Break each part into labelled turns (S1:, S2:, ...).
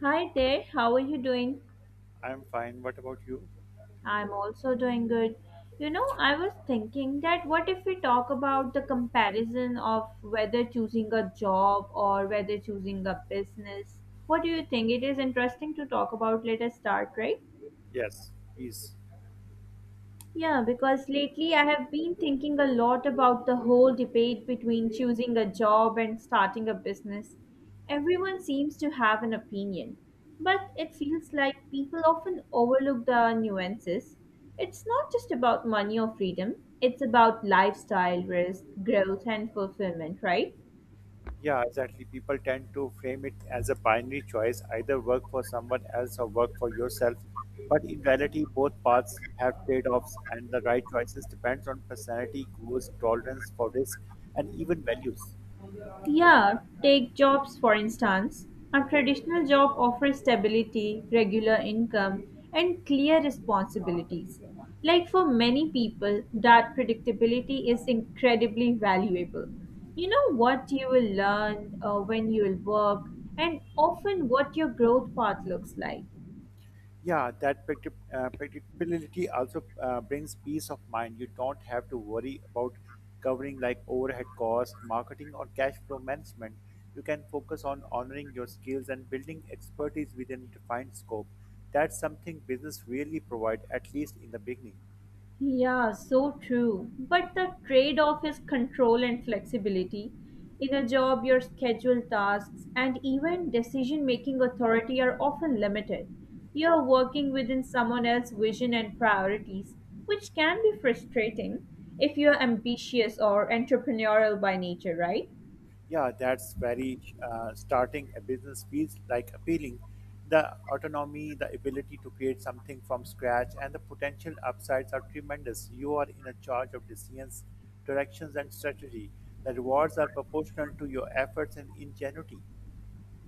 S1: Hi there, how are you doing?
S2: I'm fine. What about you?
S1: I'm also doing good. You know, I was thinking that what if we talk about the comparison of whether choosing a job or whether choosing a business? What do you think? It is interesting to talk about. Let us start, right?
S2: Yes, please.
S1: Yeah, because lately I have been thinking a lot about the whole debate between choosing a job and starting a business. Everyone seems to have an opinion, but it feels like people often overlook the nuances. It's not just about money or freedom, it's about lifestyle, risk, growth, and fulfillment, right?
S2: Yeah, exactly. People tend to frame it as a binary choice, either work for someone else or work for yourself. But in reality, both paths have trade offs, and the right choices depends on personality, goals, tolerance for risk, and even values.
S1: Yeah, take jobs for instance. A traditional job offers stability, regular income, and clear responsibilities. Like for many people, that predictability is incredibly valuable. You know what you will learn, when you will work, and often what your growth path looks like.
S2: Yeah, that predictability also brings peace of mind. You don't have to worry about covering like overhead costs, marketing, or cash flow management. You can focus on honoring your skills and building expertise within defined scope. That's something business really provide, at least in the beginning.
S1: Yeah, so true. But the trade off is control and flexibility. In a job, your schedule, tasks and even decision making authority are often limited. You are working within someone else's vision and priorities, which can be frustrating if you are ambitious or entrepreneurial by nature, right?
S2: Yeah, that's very starting a business feels like appealing. The autonomy, the ability to create something from scratch, and the potential upsides are tremendous. You are in a charge of decisions, directions, and strategy. The rewards are proportional to your efforts and ingenuity.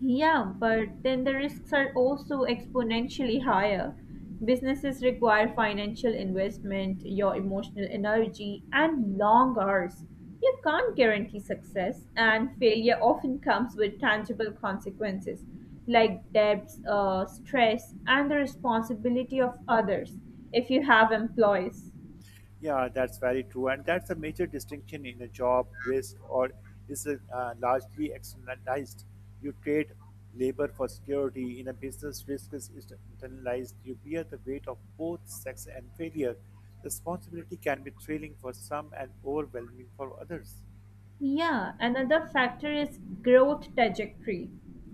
S1: Yeah, but then the risks are also exponentially higher. Businesses require financial investment, your emotional energy, and long hours. You can't guarantee success, and failure often comes with tangible consequences like debts, stress, and the responsibility of others if you have employees.
S2: Yeah, that's very true, and that's a major distinction in a job. Risk or is largely externalized. You trade labor for security. In a business, risk is internalized. You bear the weight of both sex and failure. Responsibility can be thrilling for some and overwhelming for others.
S1: Yeah, another factor is growth trajectory.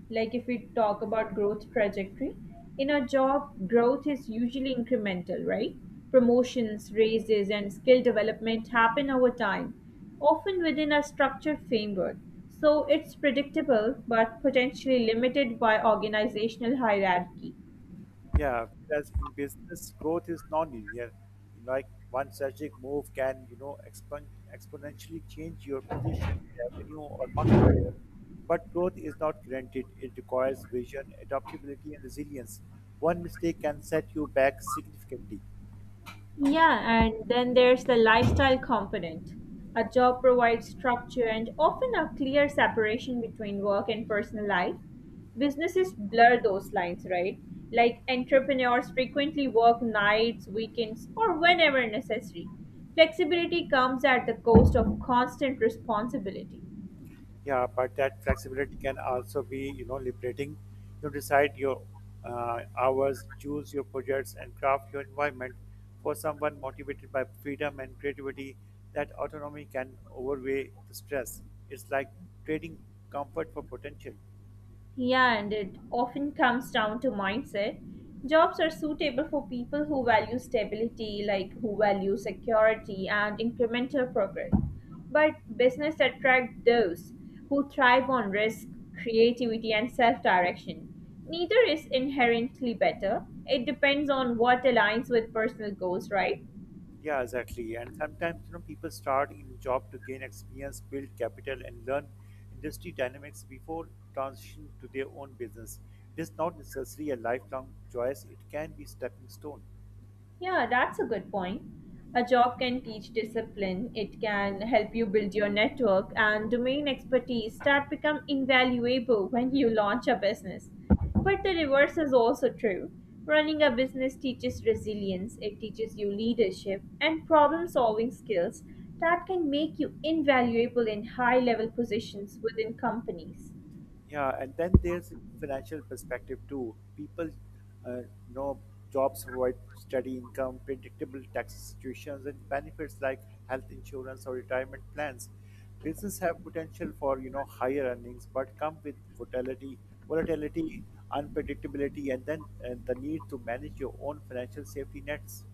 S1: Like if we talk about growth trajectory, in a job, growth is usually incremental, right? Promotions, raises, and skill development happen over time, often within a structured framework. So it's predictable but potentially limited by organizational hierarchy.
S2: Yeah, whereas in business, growth is non-linear. Like one strategic move can, you know, exponentially change your position, revenue, or market share. But growth is not guaranteed. It requires vision, adaptability, and resilience. One mistake can set you back significantly.
S1: Yeah, and then there's the lifestyle component. A job provides structure and often a clear separation between work and personal life. Businesses blur those lines, right? Like entrepreneurs frequently work nights, weekends, or whenever necessary. Flexibility comes at the cost of constant responsibility.
S2: Yeah, but that flexibility can also be, you know, liberating. You decide your hours, choose your projects, and craft your environment. For someone motivated by freedom and creativity, that autonomy can overweigh the stress. It's like trading comfort for potential.
S1: Yeah, and it often comes down to mindset. Jobs are suitable for people who value stability, like who value security and incremental progress. But business attract those who thrive on risk, creativity, and self direction. Neither is inherently better. It depends on what aligns with personal goals, right?
S2: Yeah, exactly. And sometimes, you know, people start in job to gain experience, build capital, and learn industry dynamics before transition to their own business. It is not necessarily a lifelong choice. It can be stepping stone.
S1: Yeah, that's a good point. A job can teach discipline, it can help you build your network and domain expertise that become invaluable when you launch a business. But the reverse is also true. Running a business teaches resilience, it teaches you leadership and problem solving skills that can make you invaluable in high level positions within companies.
S2: Yeah, and then there's financial perspective too. People uh, know jobs provide steady income, predictable tax situations, and benefits like health insurance or retirement plans. Business have potential for you know higher earnings, but come with volatility, unpredictability, and the need to manage your own financial safety nets.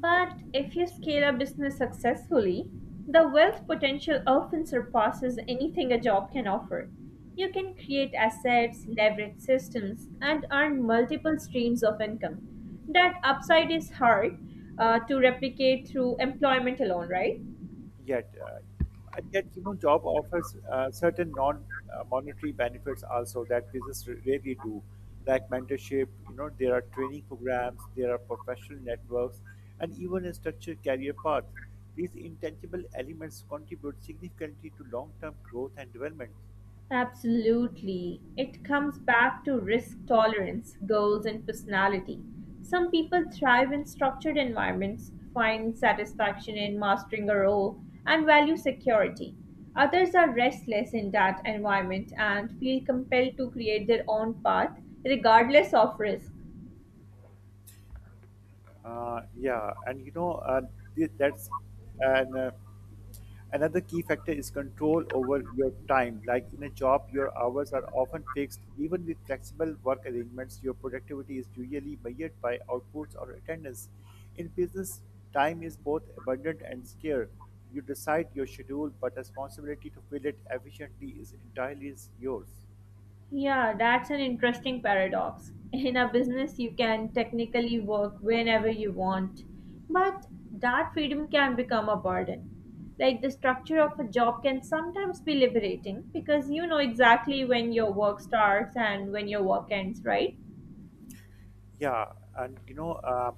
S1: But if you scale a business successfully, the wealth potential often surpasses anything a job can offer. You can create assets, leverage systems, and earn multiple streams of income. That upside is hard to replicate through employment alone, right?
S2: Yet, uh, and yet, you know, job offers certain non-monetary benefits also that business rarely do, like mentorship. You know, there are training programs, there are professional networks, and even a structured career path. These intangible elements contribute significantly to long-term growth and development.
S1: Absolutely. It comes back to risk tolerance, goals, and personality. Some people thrive in structured environments, find satisfaction in mastering a role, and value security. Others are restless in that environment and feel compelled to create their own path regardless of risk.
S2: Yeah, and you know, thi- that's and another key factor is control over your time. Like in a job, your hours are often fixed. Even with flexible work arrangements, your productivity is usually measured by outputs or attendance. In business, time is both abundant and scarce. You decide your schedule, but responsibility to fill it efficiently is entirely yours.
S1: Yeah, that's an interesting paradox. In a business, you can technically work whenever you want, but that freedom can become a burden. Like the structure of a job can sometimes be liberating because you know exactly when your work starts and when your work ends, right?
S2: Yeah, and you know,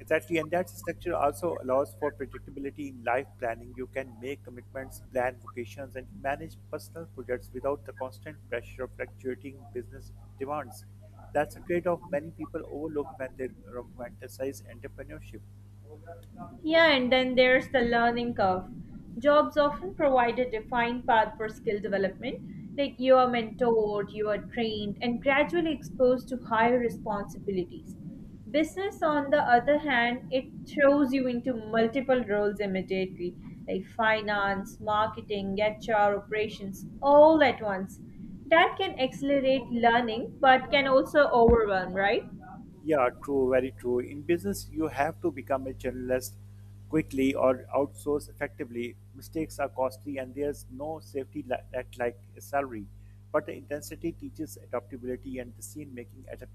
S2: exactly, and that structure also allows for predictability in life planning. You can make commitments, plan vacations, and manage personal projects without the constant pressure of fluctuating business demands. That's a trade-off many people overlook when they romanticize entrepreneurship.
S1: Yeah, and then there's the learning curve. Jobs often provide a defined path for skill development, like you are mentored, you are trained, and gradually exposed to higher responsibilities. Business, on the other hand, it throws you into multiple roles immediately, like finance, marketing, HR, operations, all at once. That can accelerate learning, but can also overwhelm, right?
S2: Yeah, true, very true. In business, you have to become a generalist quickly or outsource effectively. Mistakes are costly and there's no safety net like a salary. But the intensity teaches adaptability and decision making at a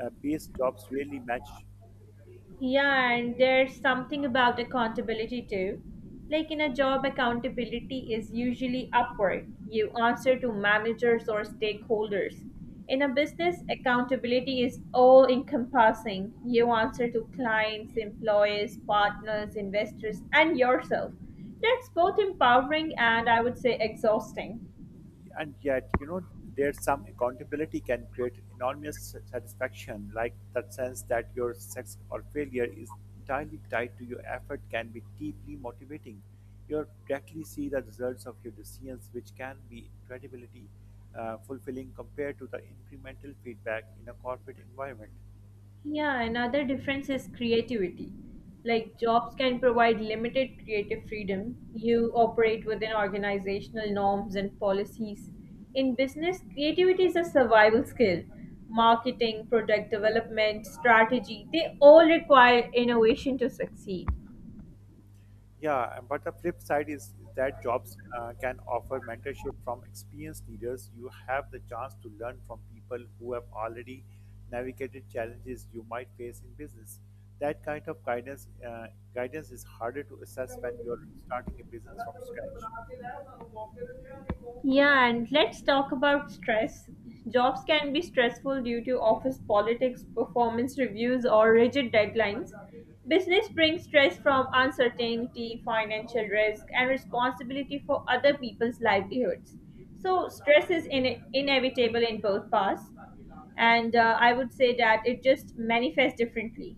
S2: base jobs really match
S1: Yeah, and there's something about accountability too. Like in a job, accountability is usually upward. You answer to managers or stakeholders. In a business, accountability is all encompassing. You answer to clients, employees, partners, investors, and yourself. That's both empowering and I would say exhausting.
S2: and yet, you know, there's some accountability can create enormous satisfaction, like that sense that your sex or failure is entirely tied to your effort can be deeply motivating. You directly see the results of your decisions, which can be incredibly fulfilling compared to the incremental feedback in a corporate environment.
S1: Yeah, another difference is creativity. Like jobs can provide limited creative freedom. You operate within organizational norms and policies. In business, creativity is a survival skill. Marketing, product development, strategy, they all require innovation to succeed.
S2: Yeah, but the flip side is that jobs can offer mentorship from experienced leaders. You have the chance to learn from people who have already navigated challenges you might face in business. That kind of guidance is harder to assess when you're starting a business from scratch.
S1: Yeah, and let's talk about stress. Jobs can be stressful due to office politics, performance reviews, or rigid deadlines. Business brings stress from uncertainty, financial risk, and responsibility for other people's livelihoods. So, stress is inevitable in both paths, and I would say that it just manifests differently.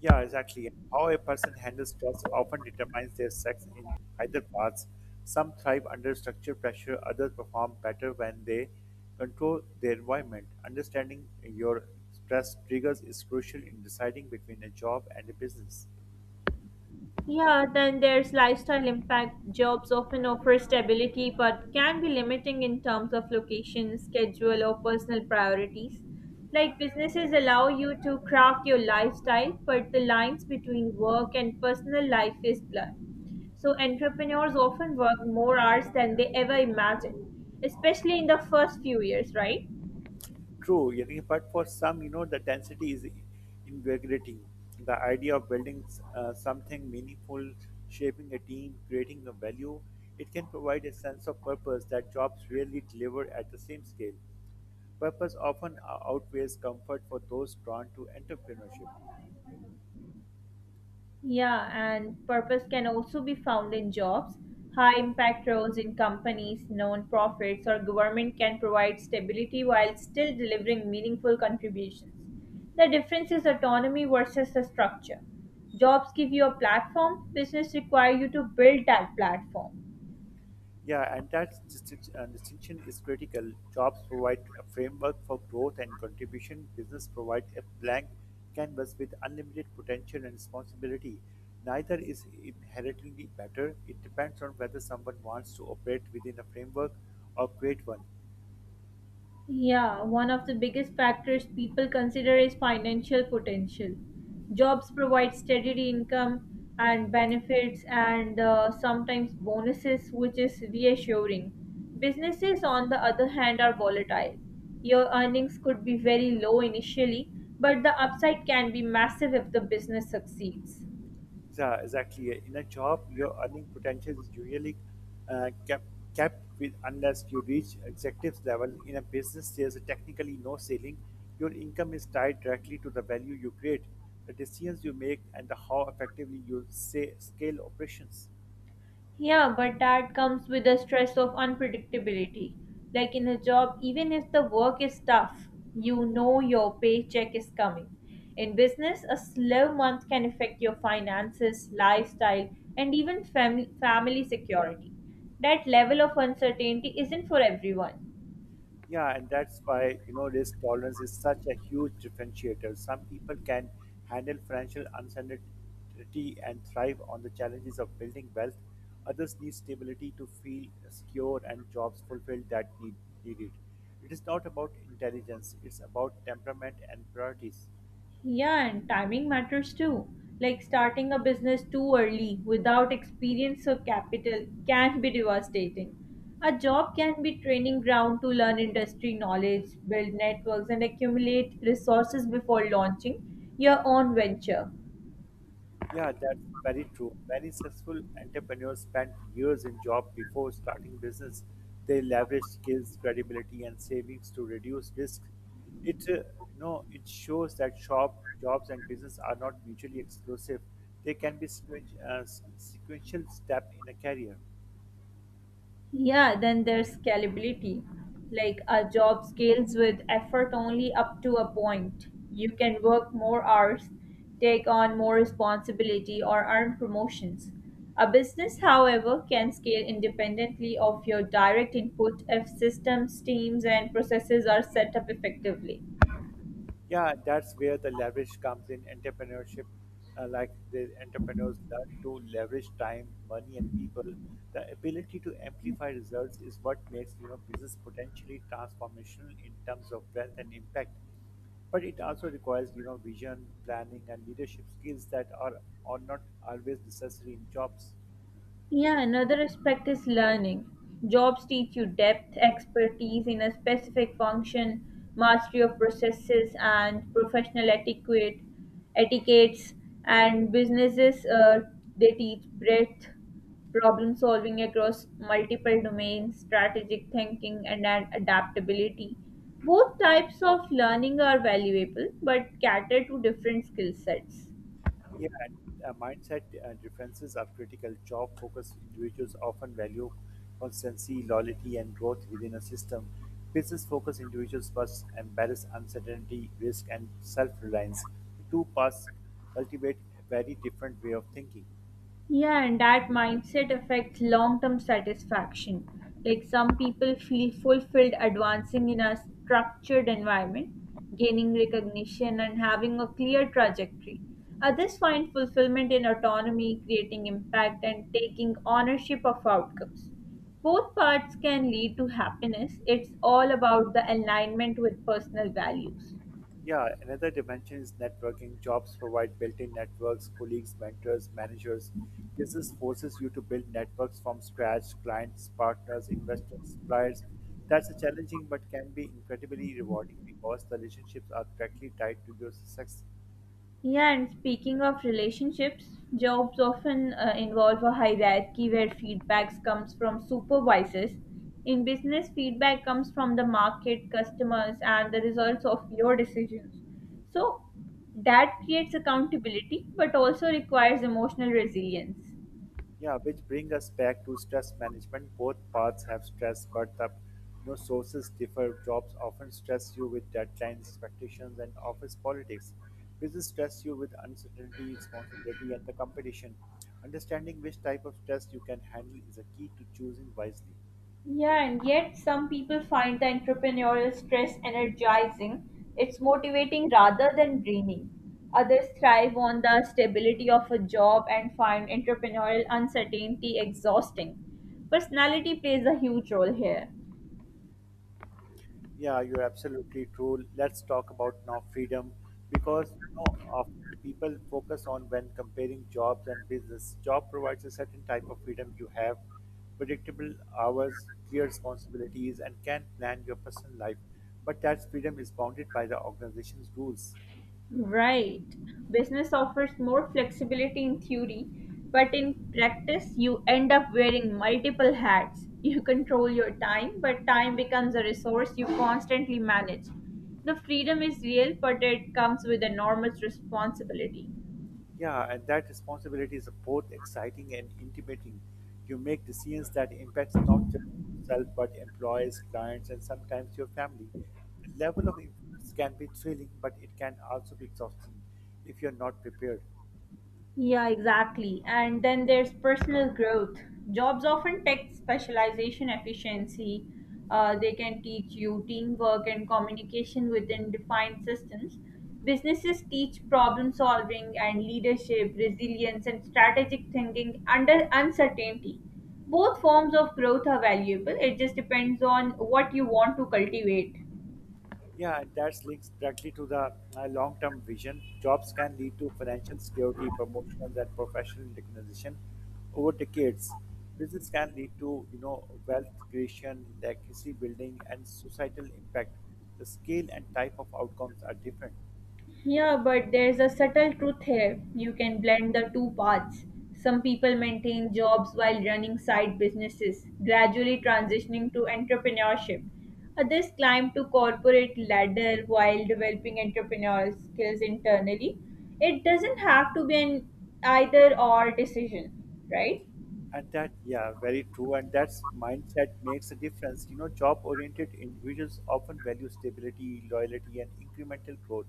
S2: Yeah, exactly. How a person handles stress often determines their sex in either paths. Some thrive under structure pressure, others perform better when they control their environment. Understanding your stress triggers is crucial in deciding between a job and a business.
S1: Yeah, then there's lifestyle impact. Jobs often offer stability but can be limiting in terms of location, schedule, or personal priorities. Like businesses allow you to craft your lifestyle, but the lines between work and personal life is blurred. So entrepreneurs often work more hours than they ever imagined, especially in the first few years, right?
S2: True, you know, but for some, you know, the density is invigorating. The idea of building something meaningful, shaping a team, creating a value, it can provide a sense of purpose that jobs rarely deliver at the same scale. Purpose often outweighs comfort for those drawn to entrepreneurship.
S1: Yeah, and purpose can also be found in jobs. High impact roles in companies, non-profits, or government can provide stability while still delivering meaningful contributions. The difference is autonomy versus the structure. Jobs give you a platform, business require you to build that platform.
S2: Yeah, and that distinction is critical. Jobs provide a framework for growth and contribution. Business provide a blank canvas with unlimited potential and responsibility. Neither is inherently better. It depends on whether someone wants to operate within a framework or create one.
S1: Yeah, one of the biggest factors people consider is financial potential. Jobs provide steady income and benefits and sometimes bonuses, which is reassuring. Businesses, on the other hand, are volatile. Your earnings could be very low initially, but the upside can be massive if the business succeeds.
S2: Yeah, exactly. In a job, your earning potential is usually uh, kept kept with unless you reach executive level. In a business, there's technically no ceiling. Your income is tied directly to the value you create, the decisions you make, and the how effectively you say scale operations.
S1: Yeah, but that comes with the stress of unpredictability. Like in a job, even if the work is tough, you know your paycheck is coming. In business, a slow month can affect your finances, lifestyle, and even family security. That level of uncertainty isn't for everyone.
S2: Yeah, and that's why, you know, risk tolerance is such a huge differentiator. Some people can handle financial uncertainty and thrive on the challenges of building wealth. Others need stability to feel secure and jobs fulfilled that need, needed. It is not about intelligence, it's about temperament and priorities.
S1: Yeah, and timing matters too. Like starting a business too early without experience or capital can be devastating. A job can be training ground to learn industry knowledge, build networks, and accumulate resources before launching your own venture.
S2: Yeah, that's very true. Many successful entrepreneurs spent years in job before starting business. They leverage skills, credibility, and savings to reduce risk. It, uh, you know, it shows that shop jobs and business are not mutually exclusive. They can be sequential step in a career.
S1: Yeah, then there's scalability. Like a job scales with effort only up to a point. You can work more hours, take on more responsibility, or earn promotions. A business, however, can scale independently of your direct input if systems, teams, and processes are set up effectively.
S2: Yeah, that's where the leverage comes in entrepreneurship. Like the entrepreneurs learn to leverage time, money, and people. The ability to amplify results is what makes, you know, business potentially transformational in terms of wealth and impact. But it also requires, you know, vision, planning, and leadership skills that are not always necessary in jobs.
S1: Yeah, another aspect is learning. Jobs teach you depth, expertise in a specific function, mastery of processes and professional etiquettes, and businesses they teach breadth, problem solving across multiple domains, strategic thinking, and adaptability. Both types of learning are valuable but cater to different skill sets.
S2: Yeah, and mindset differences are critical. Job-focused individuals often value constancy, loyalty, and growth within a system. Business-focused individuals must embrace uncertainty, risk, and self-reliance. The two paths cultivate a very different way of thinking.
S1: Yeah, and that mindset affects long term satisfaction. Like some people feel fulfilled advancing in a structured environment, gaining recognition, and having a clear trajectory. Others find fulfillment in autonomy, creating impact, and taking ownership of outcomes. Both paths can lead to happiness. It's all about the alignment with personal values.
S2: Yeah, another dimension is networking. Jobs provide built in networks, colleagues, mentors, managers. Business forces you to build networks from scratch, clients, partners, investors, suppliers. That's a challenging but can be incredibly rewarding because the relationships are directly tied to your success.
S1: Yeah, and speaking of relationships, jobs often involve a hierarchy where feedbacks comes from supervisors. In business, feedback comes from the market, customers, and the results of your decisions. So that creates accountability, but also requires emotional resilience.
S2: Yeah, which bring us back to stress management. Both paths have stress, but the, you know, sources differ. Jobs often stress you with deadlines, expectations, and office politics. Business stress you with uncertainty, responsibility, and the competition. Understanding which type of stress you can handle is a key to choosing wisely.
S1: Yeah, and yet some people find the entrepreneurial stress energizing. It's motivating rather than draining. Others thrive on the stability of a job and find entrepreneurial uncertainty exhausting. Personality plays a huge role here.
S2: Yeah, you're absolutely true. Let's talk about now freedom because, you know, of people focus on when comparing jobs and business. Job provides a certain type of freedom you have, predictable hours, clear responsibilities, and can plan your personal life. But that freedom is bounded by the organization's rules.
S1: Right. Business offers more flexibility in theory, but in practice, you end up wearing multiple hats. You control your time, but time becomes a resource you constantly manage. The freedom is real, but it comes with enormous responsibility.
S2: Yeah, and that responsibility is both exciting and intimating. You make decisions that impacts not just yourself but employees, clients, and sometimes your family. The level of influence can be thrilling, but it can also be exhausting if you're not prepared.
S1: Yeah, exactly. And then there's personal growth. Jobs often take specialization efficiency. They can teach you teamwork and communication within defined systems. Businesses teach problem solving and leadership, resilience, and strategic thinking under uncertainty. Both forms of growth are valuable. It just depends on what you want to cultivate.
S2: Yeah, and that's linked directly to the long term vision. Jobs can lead to financial security, promotions, and professional recognition over decades. Business can lead to, you know, wealth creation, legacy building, and societal impact. The scale and type of outcomes are different.
S1: Yeah, but there's a subtle truth here. You can blend the two paths. Some people maintain jobs while running side businesses, gradually transitioning to entrepreneurship. Others climb to corporate ladder while developing entrepreneurial skills internally. It doesn't have to be an either or decision, right?
S2: And that, yeah, very true. And that's mindset makes a difference. You know, job-oriented individuals often value stability, loyalty, and incremental growth.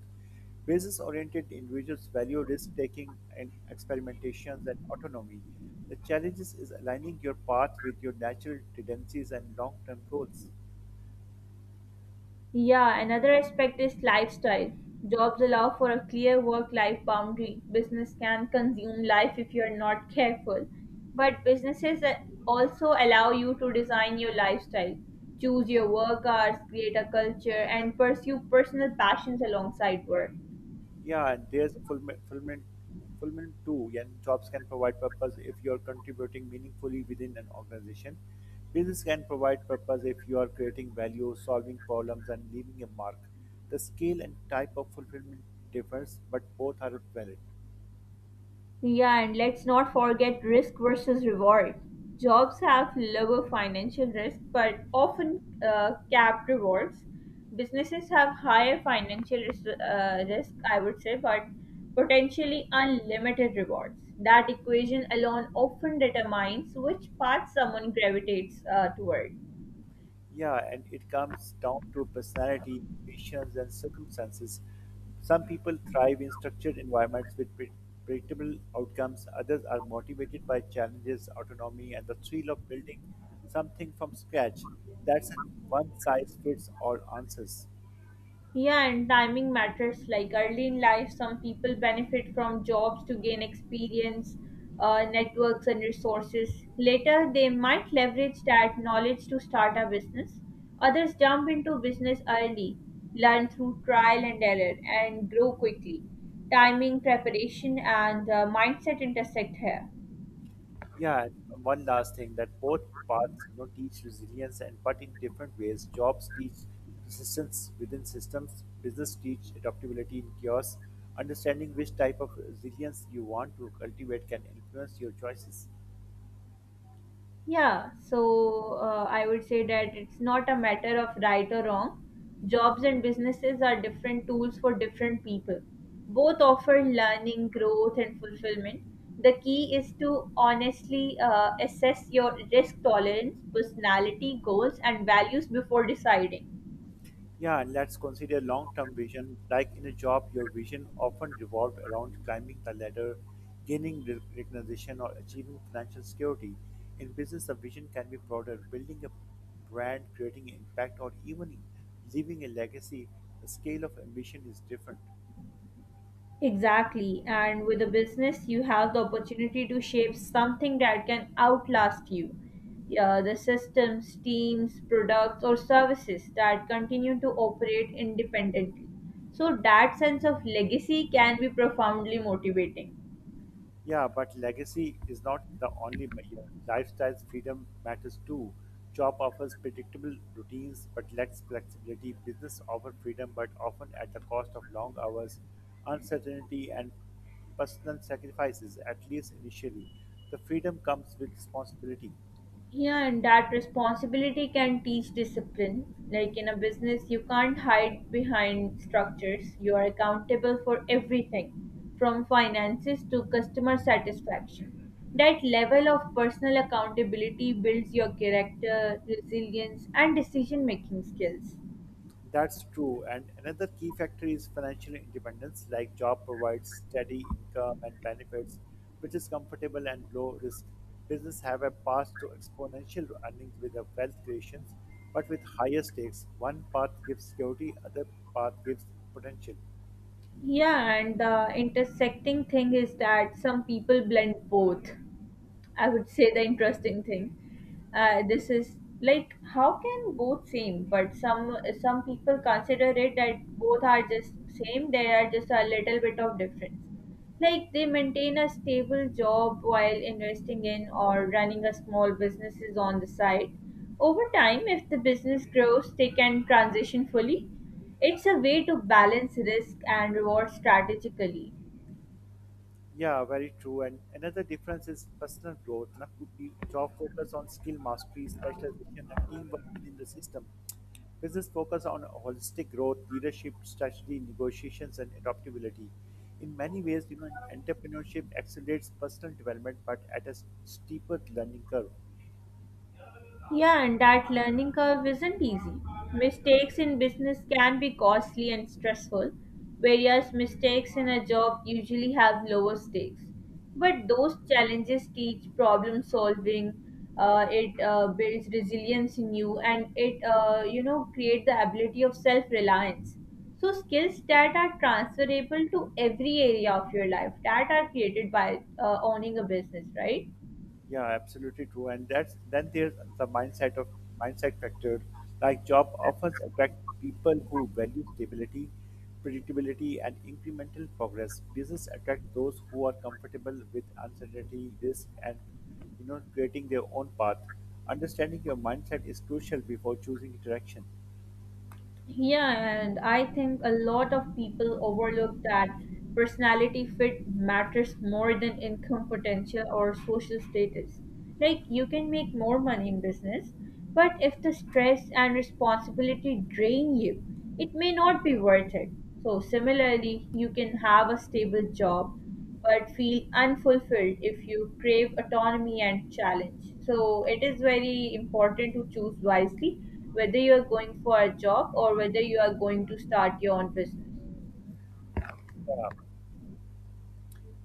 S2: Business-oriented individuals value risk-taking and experimentations and autonomy. The challenges is aligning your path with your natural tendencies and long-term goals.
S1: Yeah, another aspect is lifestyle. Jobs allow for a clear work life boundary. Business can consume life if you're not careful. But businesses also allow you to design your lifestyle, choose your work hours, create a culture, and pursue personal passions alongside work.
S2: Yeah, and there's fulfillment, too. And jobs can provide purpose if you are contributing meaningfully within an organization. Business can provide purpose if you are creating value, solving problems, and leaving a mark. The scale and type of fulfillment differs, but both are valid.
S1: Yeah, and let's not forget risk versus reward. Jobs have lower financial risk but often capped rewards. Businesses have higher financial risk, risk, I would say, but potentially unlimited rewards. That equation alone often determines which path someone gravitates toward.
S2: Yeah, and it comes down to personality, patience, and circumstances. Some people thrive in structured environments with predictable outcomes, others are motivated by challenges, autonomy, and the thrill of building something from scratch. That's a one size fits all answers.
S1: Yeah, and timing matters. Like early in life, some people benefit from jobs to gain experience, networks, and resources. Later, they might leverage that knowledge to start a business. Others jump into business early, learn through trial and error, and grow quickly. Timing, preparation, and mindset intersect here.
S2: Yeah, and one last thing that both paths, you know, teach resilience and but in different ways. Jobs teach persistence within systems, business teach adaptability in chaos. Understanding which type of resilience you want to cultivate can influence your choices.
S1: Yeah, so I would say that it's not a matter of right or wrong. Jobs and businesses are different tools for different people. Both offer learning, growth, and fulfillment. The key is to honestly assess your risk tolerance, personality, goals, and values before deciding.
S2: Yeah, and let's consider long term vision. Like in a job, your vision often revolved around climbing the ladder, gaining recognition, or achieving financial security. In business, the vision can be broader building a brand, creating impact, or even leaving a legacy. The scale of ambition is different.
S1: Exactly. And with a business, you have the opportunity to shape something that can outlast you. Yeah, the systems, teams, products, or services that continue to operate independently. So, that sense of legacy can be profoundly motivating.
S2: Yeah, but legacy is not the only measure. Lifestyle's freedom matters too. Job offers predictable routines but lacks flexibility. Business offers freedom but often at the cost of long hours, uncertainty, and personal sacrifices, at least initially. The freedom comes with responsibility.
S1: Yeah, and that responsibility can teach discipline. Like in a business, you can't hide behind structures. You are accountable for everything, from finances to customer satisfaction. That level of personal accountability builds your character, resilience, and decision making skills.
S2: That's true. And another key factor is financial independence, like job provides steady income and benefits, which is comfortable and low risk. Business have a path to exponential earnings with the wealth creations, but with higher stakes. One path gives security, other path gives potential.
S1: Yeah, and the intersecting thing is that some people blend both. I would say the interesting thing. This is like how can both same, but some people consider it that both are just same. They are just a little bit of difference. Like they maintain a stable job while investing in or running a small businesses on the side. Over time, if the business grows, they can transition fully. It's a way to balance risk and reward strategically.
S2: Yeah, very true. And another difference is personal growth. Now, could be job focus on skill mastery, specialization, and teamwork within the system. Business focus on holistic growth, leadership, strategy, negotiations, and adaptability. In many ways, you know, entrepreneurship accelerates personal development, but at a steeper learning curve.
S1: Yeah, and that learning curve isn't easy. Mistakes in business can be costly and stressful, whereas mistakes in a job usually have lower stakes. But those challenges teach problem solving. It builds resilience in you, and it you know create the ability of self reliance. So skills that are transferable to every area of your life that are created by owning a business, right?
S2: Yeah, absolutely true. And that's then there's the mindset of mindset factor. Like job offers attract people who value stability, predictability, and incremental progress. Business attract those who are comfortable with uncertainty, risk, and you know creating their own path. Understanding your mindset is crucial before choosing interaction.
S1: Yeah, and I think a lot of people overlook that personality fit matters more than income potential or social status. Like, you can make more money in business, but if the stress and responsibility drain you, it may not be worth it. So, similarly, you can have a stable job but feel unfulfilled if you crave autonomy and challenge. So it is very important to choose wisely whether you are going for a job or whether you are going to start your own business.
S2: Yeah.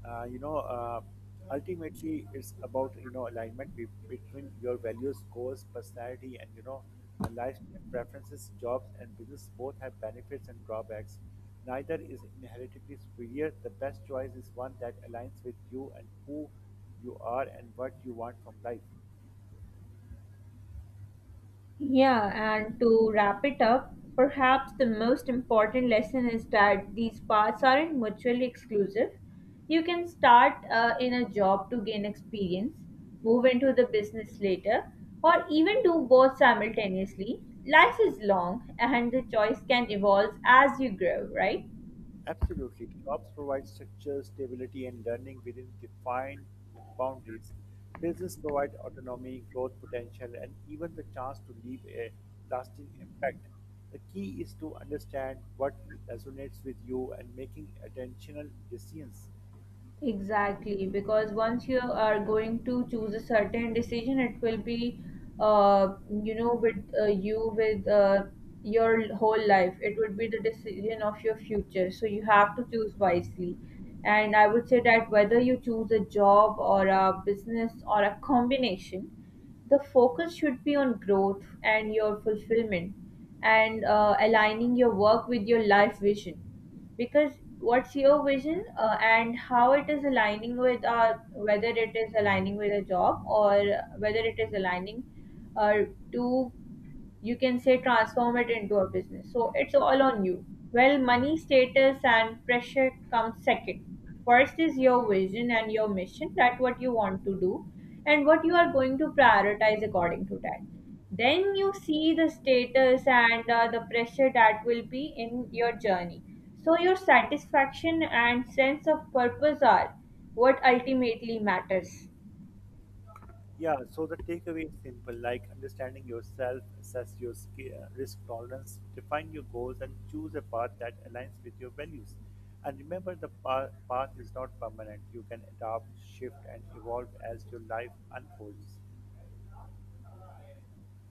S2: uh, you know uh, Ultimately, it's about you know alignment between your values, goals, personality, and you know life preferences. Jobs and business both have benefits and drawbacks. Neither is inherently superior. The best choice is one that aligns with you and who you are and what you want from life.
S1: Yeah, and to wrap it up, perhaps the most important lesson is that these paths aren't mutually exclusive. You can start in a job to gain experience, move into the business later, or even do both simultaneously. Life is long and the choice can evolve as you grow, right?
S2: Absolutely. Jobs provide structure, stability, and learning within defined boundaries. Business provide autonomy, growth potential, and even the chance to leave a lasting impact. The key is to understand what resonates with you and making intentional decisions.
S1: Exactly, because once you are going to choose a certain decision, it will be, uh, you know, with you with your whole life. It would be the decision of your future. So you have to choose wisely. And I would say that whether you choose a job or a business or a combination, the focus should be on growth and your fulfillment and aligning your work with your life vision, because what's your vision and how it is aligning with our, whether it is aligning with a job or whether it is aligning uh, to, you can say, transform it into a business. So it's all on you. Well, money, status and pressure comes second. First is your vision and your mission, that what you want to do and what you are going to prioritize according to that. Then you see the status and the pressure that will be in your journey. So your satisfaction and sense of purpose are what ultimately matters.
S2: Yeah, so the takeaway is simple, like understanding yourself, assess your risk tolerance, define your goals, and choose a path that aligns with your values. And remember, the path is not permanent. You can adapt, shift, and evolve as your life unfolds.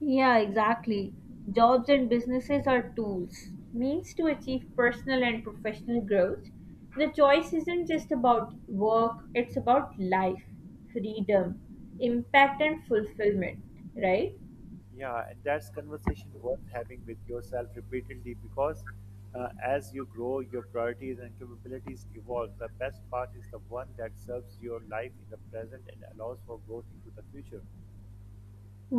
S1: Yeah, exactly. Jobs and businesses are tools, means to achieve personal and professional growth. The choice isn't just about work, it's about life, freedom, impact, and fulfillment, right?
S2: Yeah, and that's conversation worth having with yourself repeatedly because as you grow, your priorities and capabilities evolve. The best path is the one that serves your life in the present and allows for growth into the future.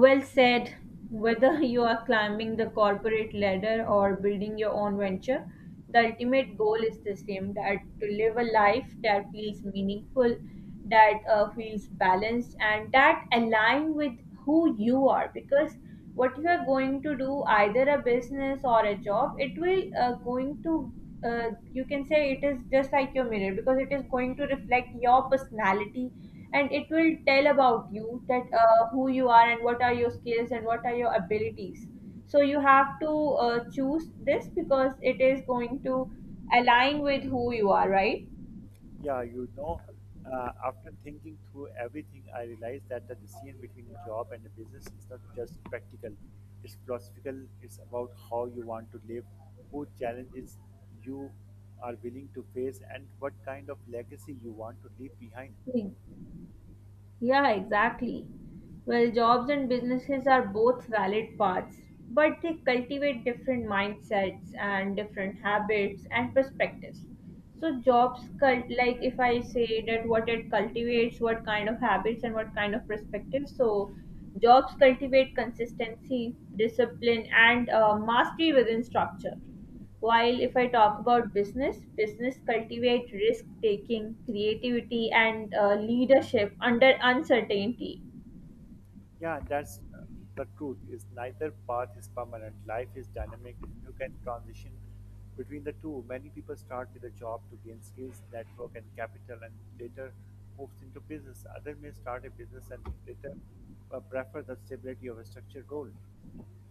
S1: Well said. Whether you are climbing the corporate ladder or building your own venture, the ultimate goal is the same, that to live a life that feels meaningful, that feels balanced, and that align with who you are. Because what you are going to do, either a business or a job, it will going to, you can say, it is just like your mirror, because it is going to reflect your personality and it will tell about you that who you are and what are your skills and what are your abilities. So you have to choose this because it is going to align with who you are, right?
S2: Yeah, you know, after thinking through everything, I realized that the decision between a job and a business is not just practical, it's philosophical, it's about how you want to live, who challenges you are willing to face, and what kind of legacy you want to leave behind.
S1: Yeah. Yeah, exactly. Well, jobs and businesses are both valid paths, but they cultivate different mindsets and different habits and perspectives. So, like if I say that what it cultivates, what kind of habits and what kind of perspectives. So, jobs cultivate consistency, discipline, and mastery within structure. While if I talk about business, business cultivate risk taking, creativity, and leadership under uncertainty.
S2: Yeah, that's the truth. Is neither path is permanent. Life is dynamic, and you can transition between the two. Many people start with a job to gain skills, network, and capital, and later moves into business. Other may start a business and later prefer the stability of a structured role.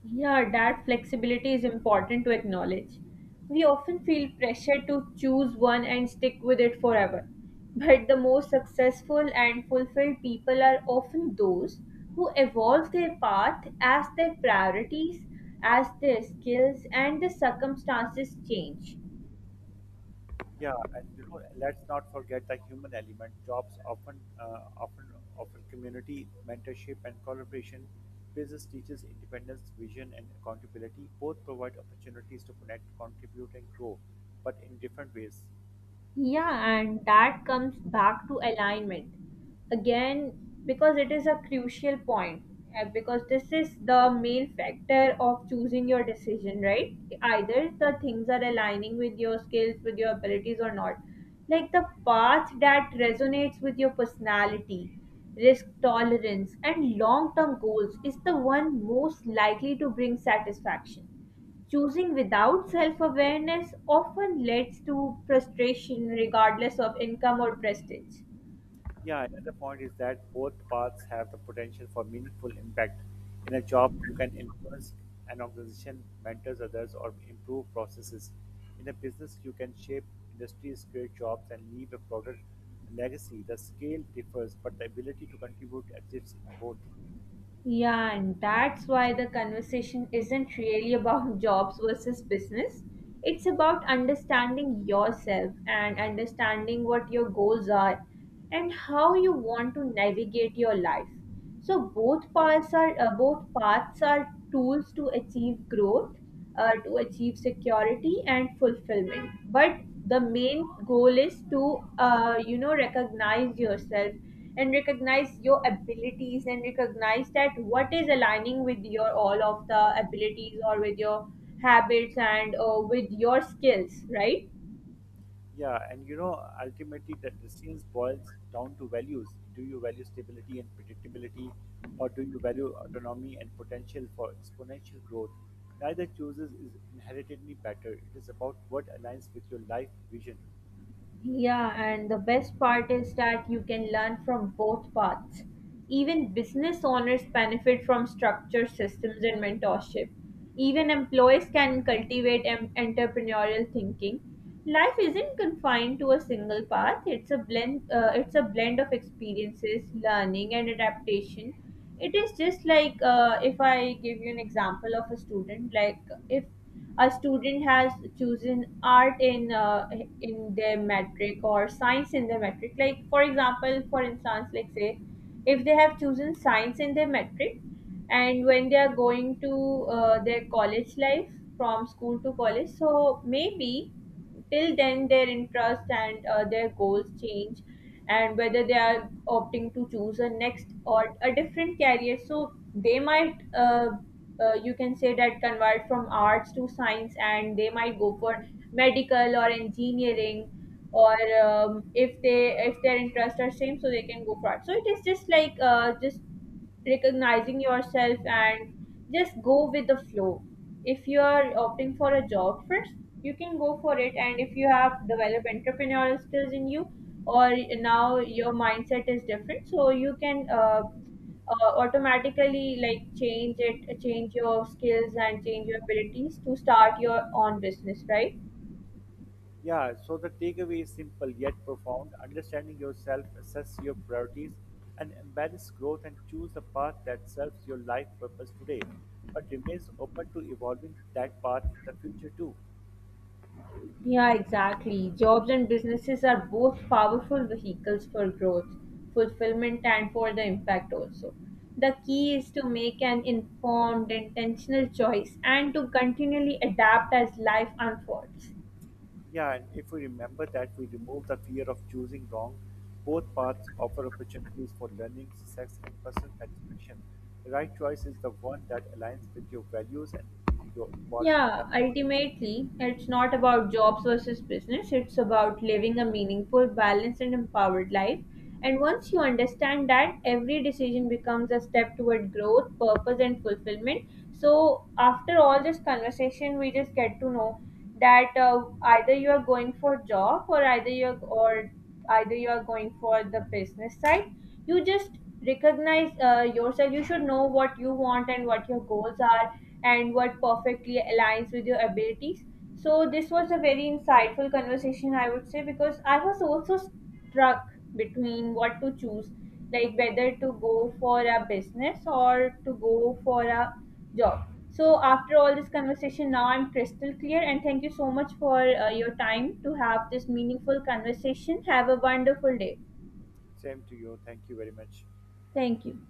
S1: Yeah, that flexibility is important to acknowledge. We often feel pressure to choose one and stick with it forever. But the most successful and fulfilled people are often those who evolve their path as their priorities, as their skills, and the circumstances change.
S2: Yeah, and you know, let's not forget the human element. Jobs often, often community mentorship and collaboration. Business teaches independence, vision, and accountability. Both provide opportunities to connect, contribute, and grow, but in different ways.
S1: Yeah, and that comes back to alignment again, because it is a crucial point, because this is the main factor of choosing your decision, right? Either the things are aligning with your skills, with your abilities, or not. Like the path that resonates with your personality, risk tolerance, and long term goals is the one most likely to bring satisfaction. Choosing without self awareness often leads to frustration regardless of income or prestige.
S2: Yeah, another point is that both paths have the potential for meaningful impact. In a job, you can influence an organization, mentors others, or improve processes. In a business, you can shape industries, create jobs, and leave a broader legacy. The scale differs, but the ability to contribute exists in both.
S1: Yeah, and that's why the conversation isn't really about jobs versus business. It's about understanding yourself and understanding what your goals are and how you want to navigate your life. So both paths are tools to achieve growth, to achieve security and fulfillment. But the main goal is to, you know, recognize yourself and recognize your abilities and recognize that what is aligning with your all of the abilities or with your habits and with your skills, right?
S2: Yeah, and you know, ultimately, the decisions boils down to values. Do you value stability and predictability, or do you value autonomy and potential for exponential growth? Neither chooses is inherently better. It is about what aligns with your life vision.
S1: Yeah, and the best part is that you can learn from both paths. Even business owners benefit from structured systems and mentorship. Even employees can cultivate entrepreneurial thinking. Life isn't confined to a single path. It's a blend. It's a blend of experiences, learning, and adaptation. It is just like, if I give you an example of a student, like if a student has chosen art in their metric, or science in their metric, like for example, for instance, like say if they have chosen science in their metric and when they are going to their college life, from school to college, so maybe till then their interest and their goals change, and whether they are opting to choose a next or a different career. So they might, you can say that convert from arts to science, and they might go for medical or engineering, or if they, if their interests are same, so they can go for art. So it is just like, just recognizing yourself and just go with the flow. If you are opting for a job first, you can go for it. And if you have developed entrepreneurial skills in you, or now your mindset is different, so you can automatically like change it, change your skills and change your abilities to start your own business, right?
S2: Yeah, so the takeaway is simple yet profound. Understanding yourself, assess your priorities, and embrace growth and choose the path that serves your life purpose today, but remains open to evolving that path in the future too.
S1: Yeah, exactly. Jobs and businesses are both powerful vehicles for growth, fulfillment, and for the impact also. The key is to make an informed, intentional choice and to continually adapt as life unfolds.
S2: Yeah, and if we remember that we remove the fear of choosing wrong, both paths offer opportunities for learning, success, and personal satisfaction. The right choice is the one that aligns with your values and your evolving
S1: Yeah,
S2: life.
S1: ultimately, it's not about jobs versus business. It's about living a meaningful, balanced, and empowered life. And once you understand that, every decision becomes a step toward growth, purpose, and fulfillment. So, after all this conversation, we just get to know that either you are going for job, or either you're or either you are going for the business side, you just recognize yourself. You should know what you want and what your goals are and what perfectly aligns with your abilities. So this was a very insightful conversation, I would say, because I was also struck between what to choose, like whether to go for a business or to go for a job. So after all this conversation, now I'm crystal clear. And thank you so much for your time to have this meaningful conversation. Have a wonderful day.
S2: Same to you. Thank you very much.
S1: Thank you.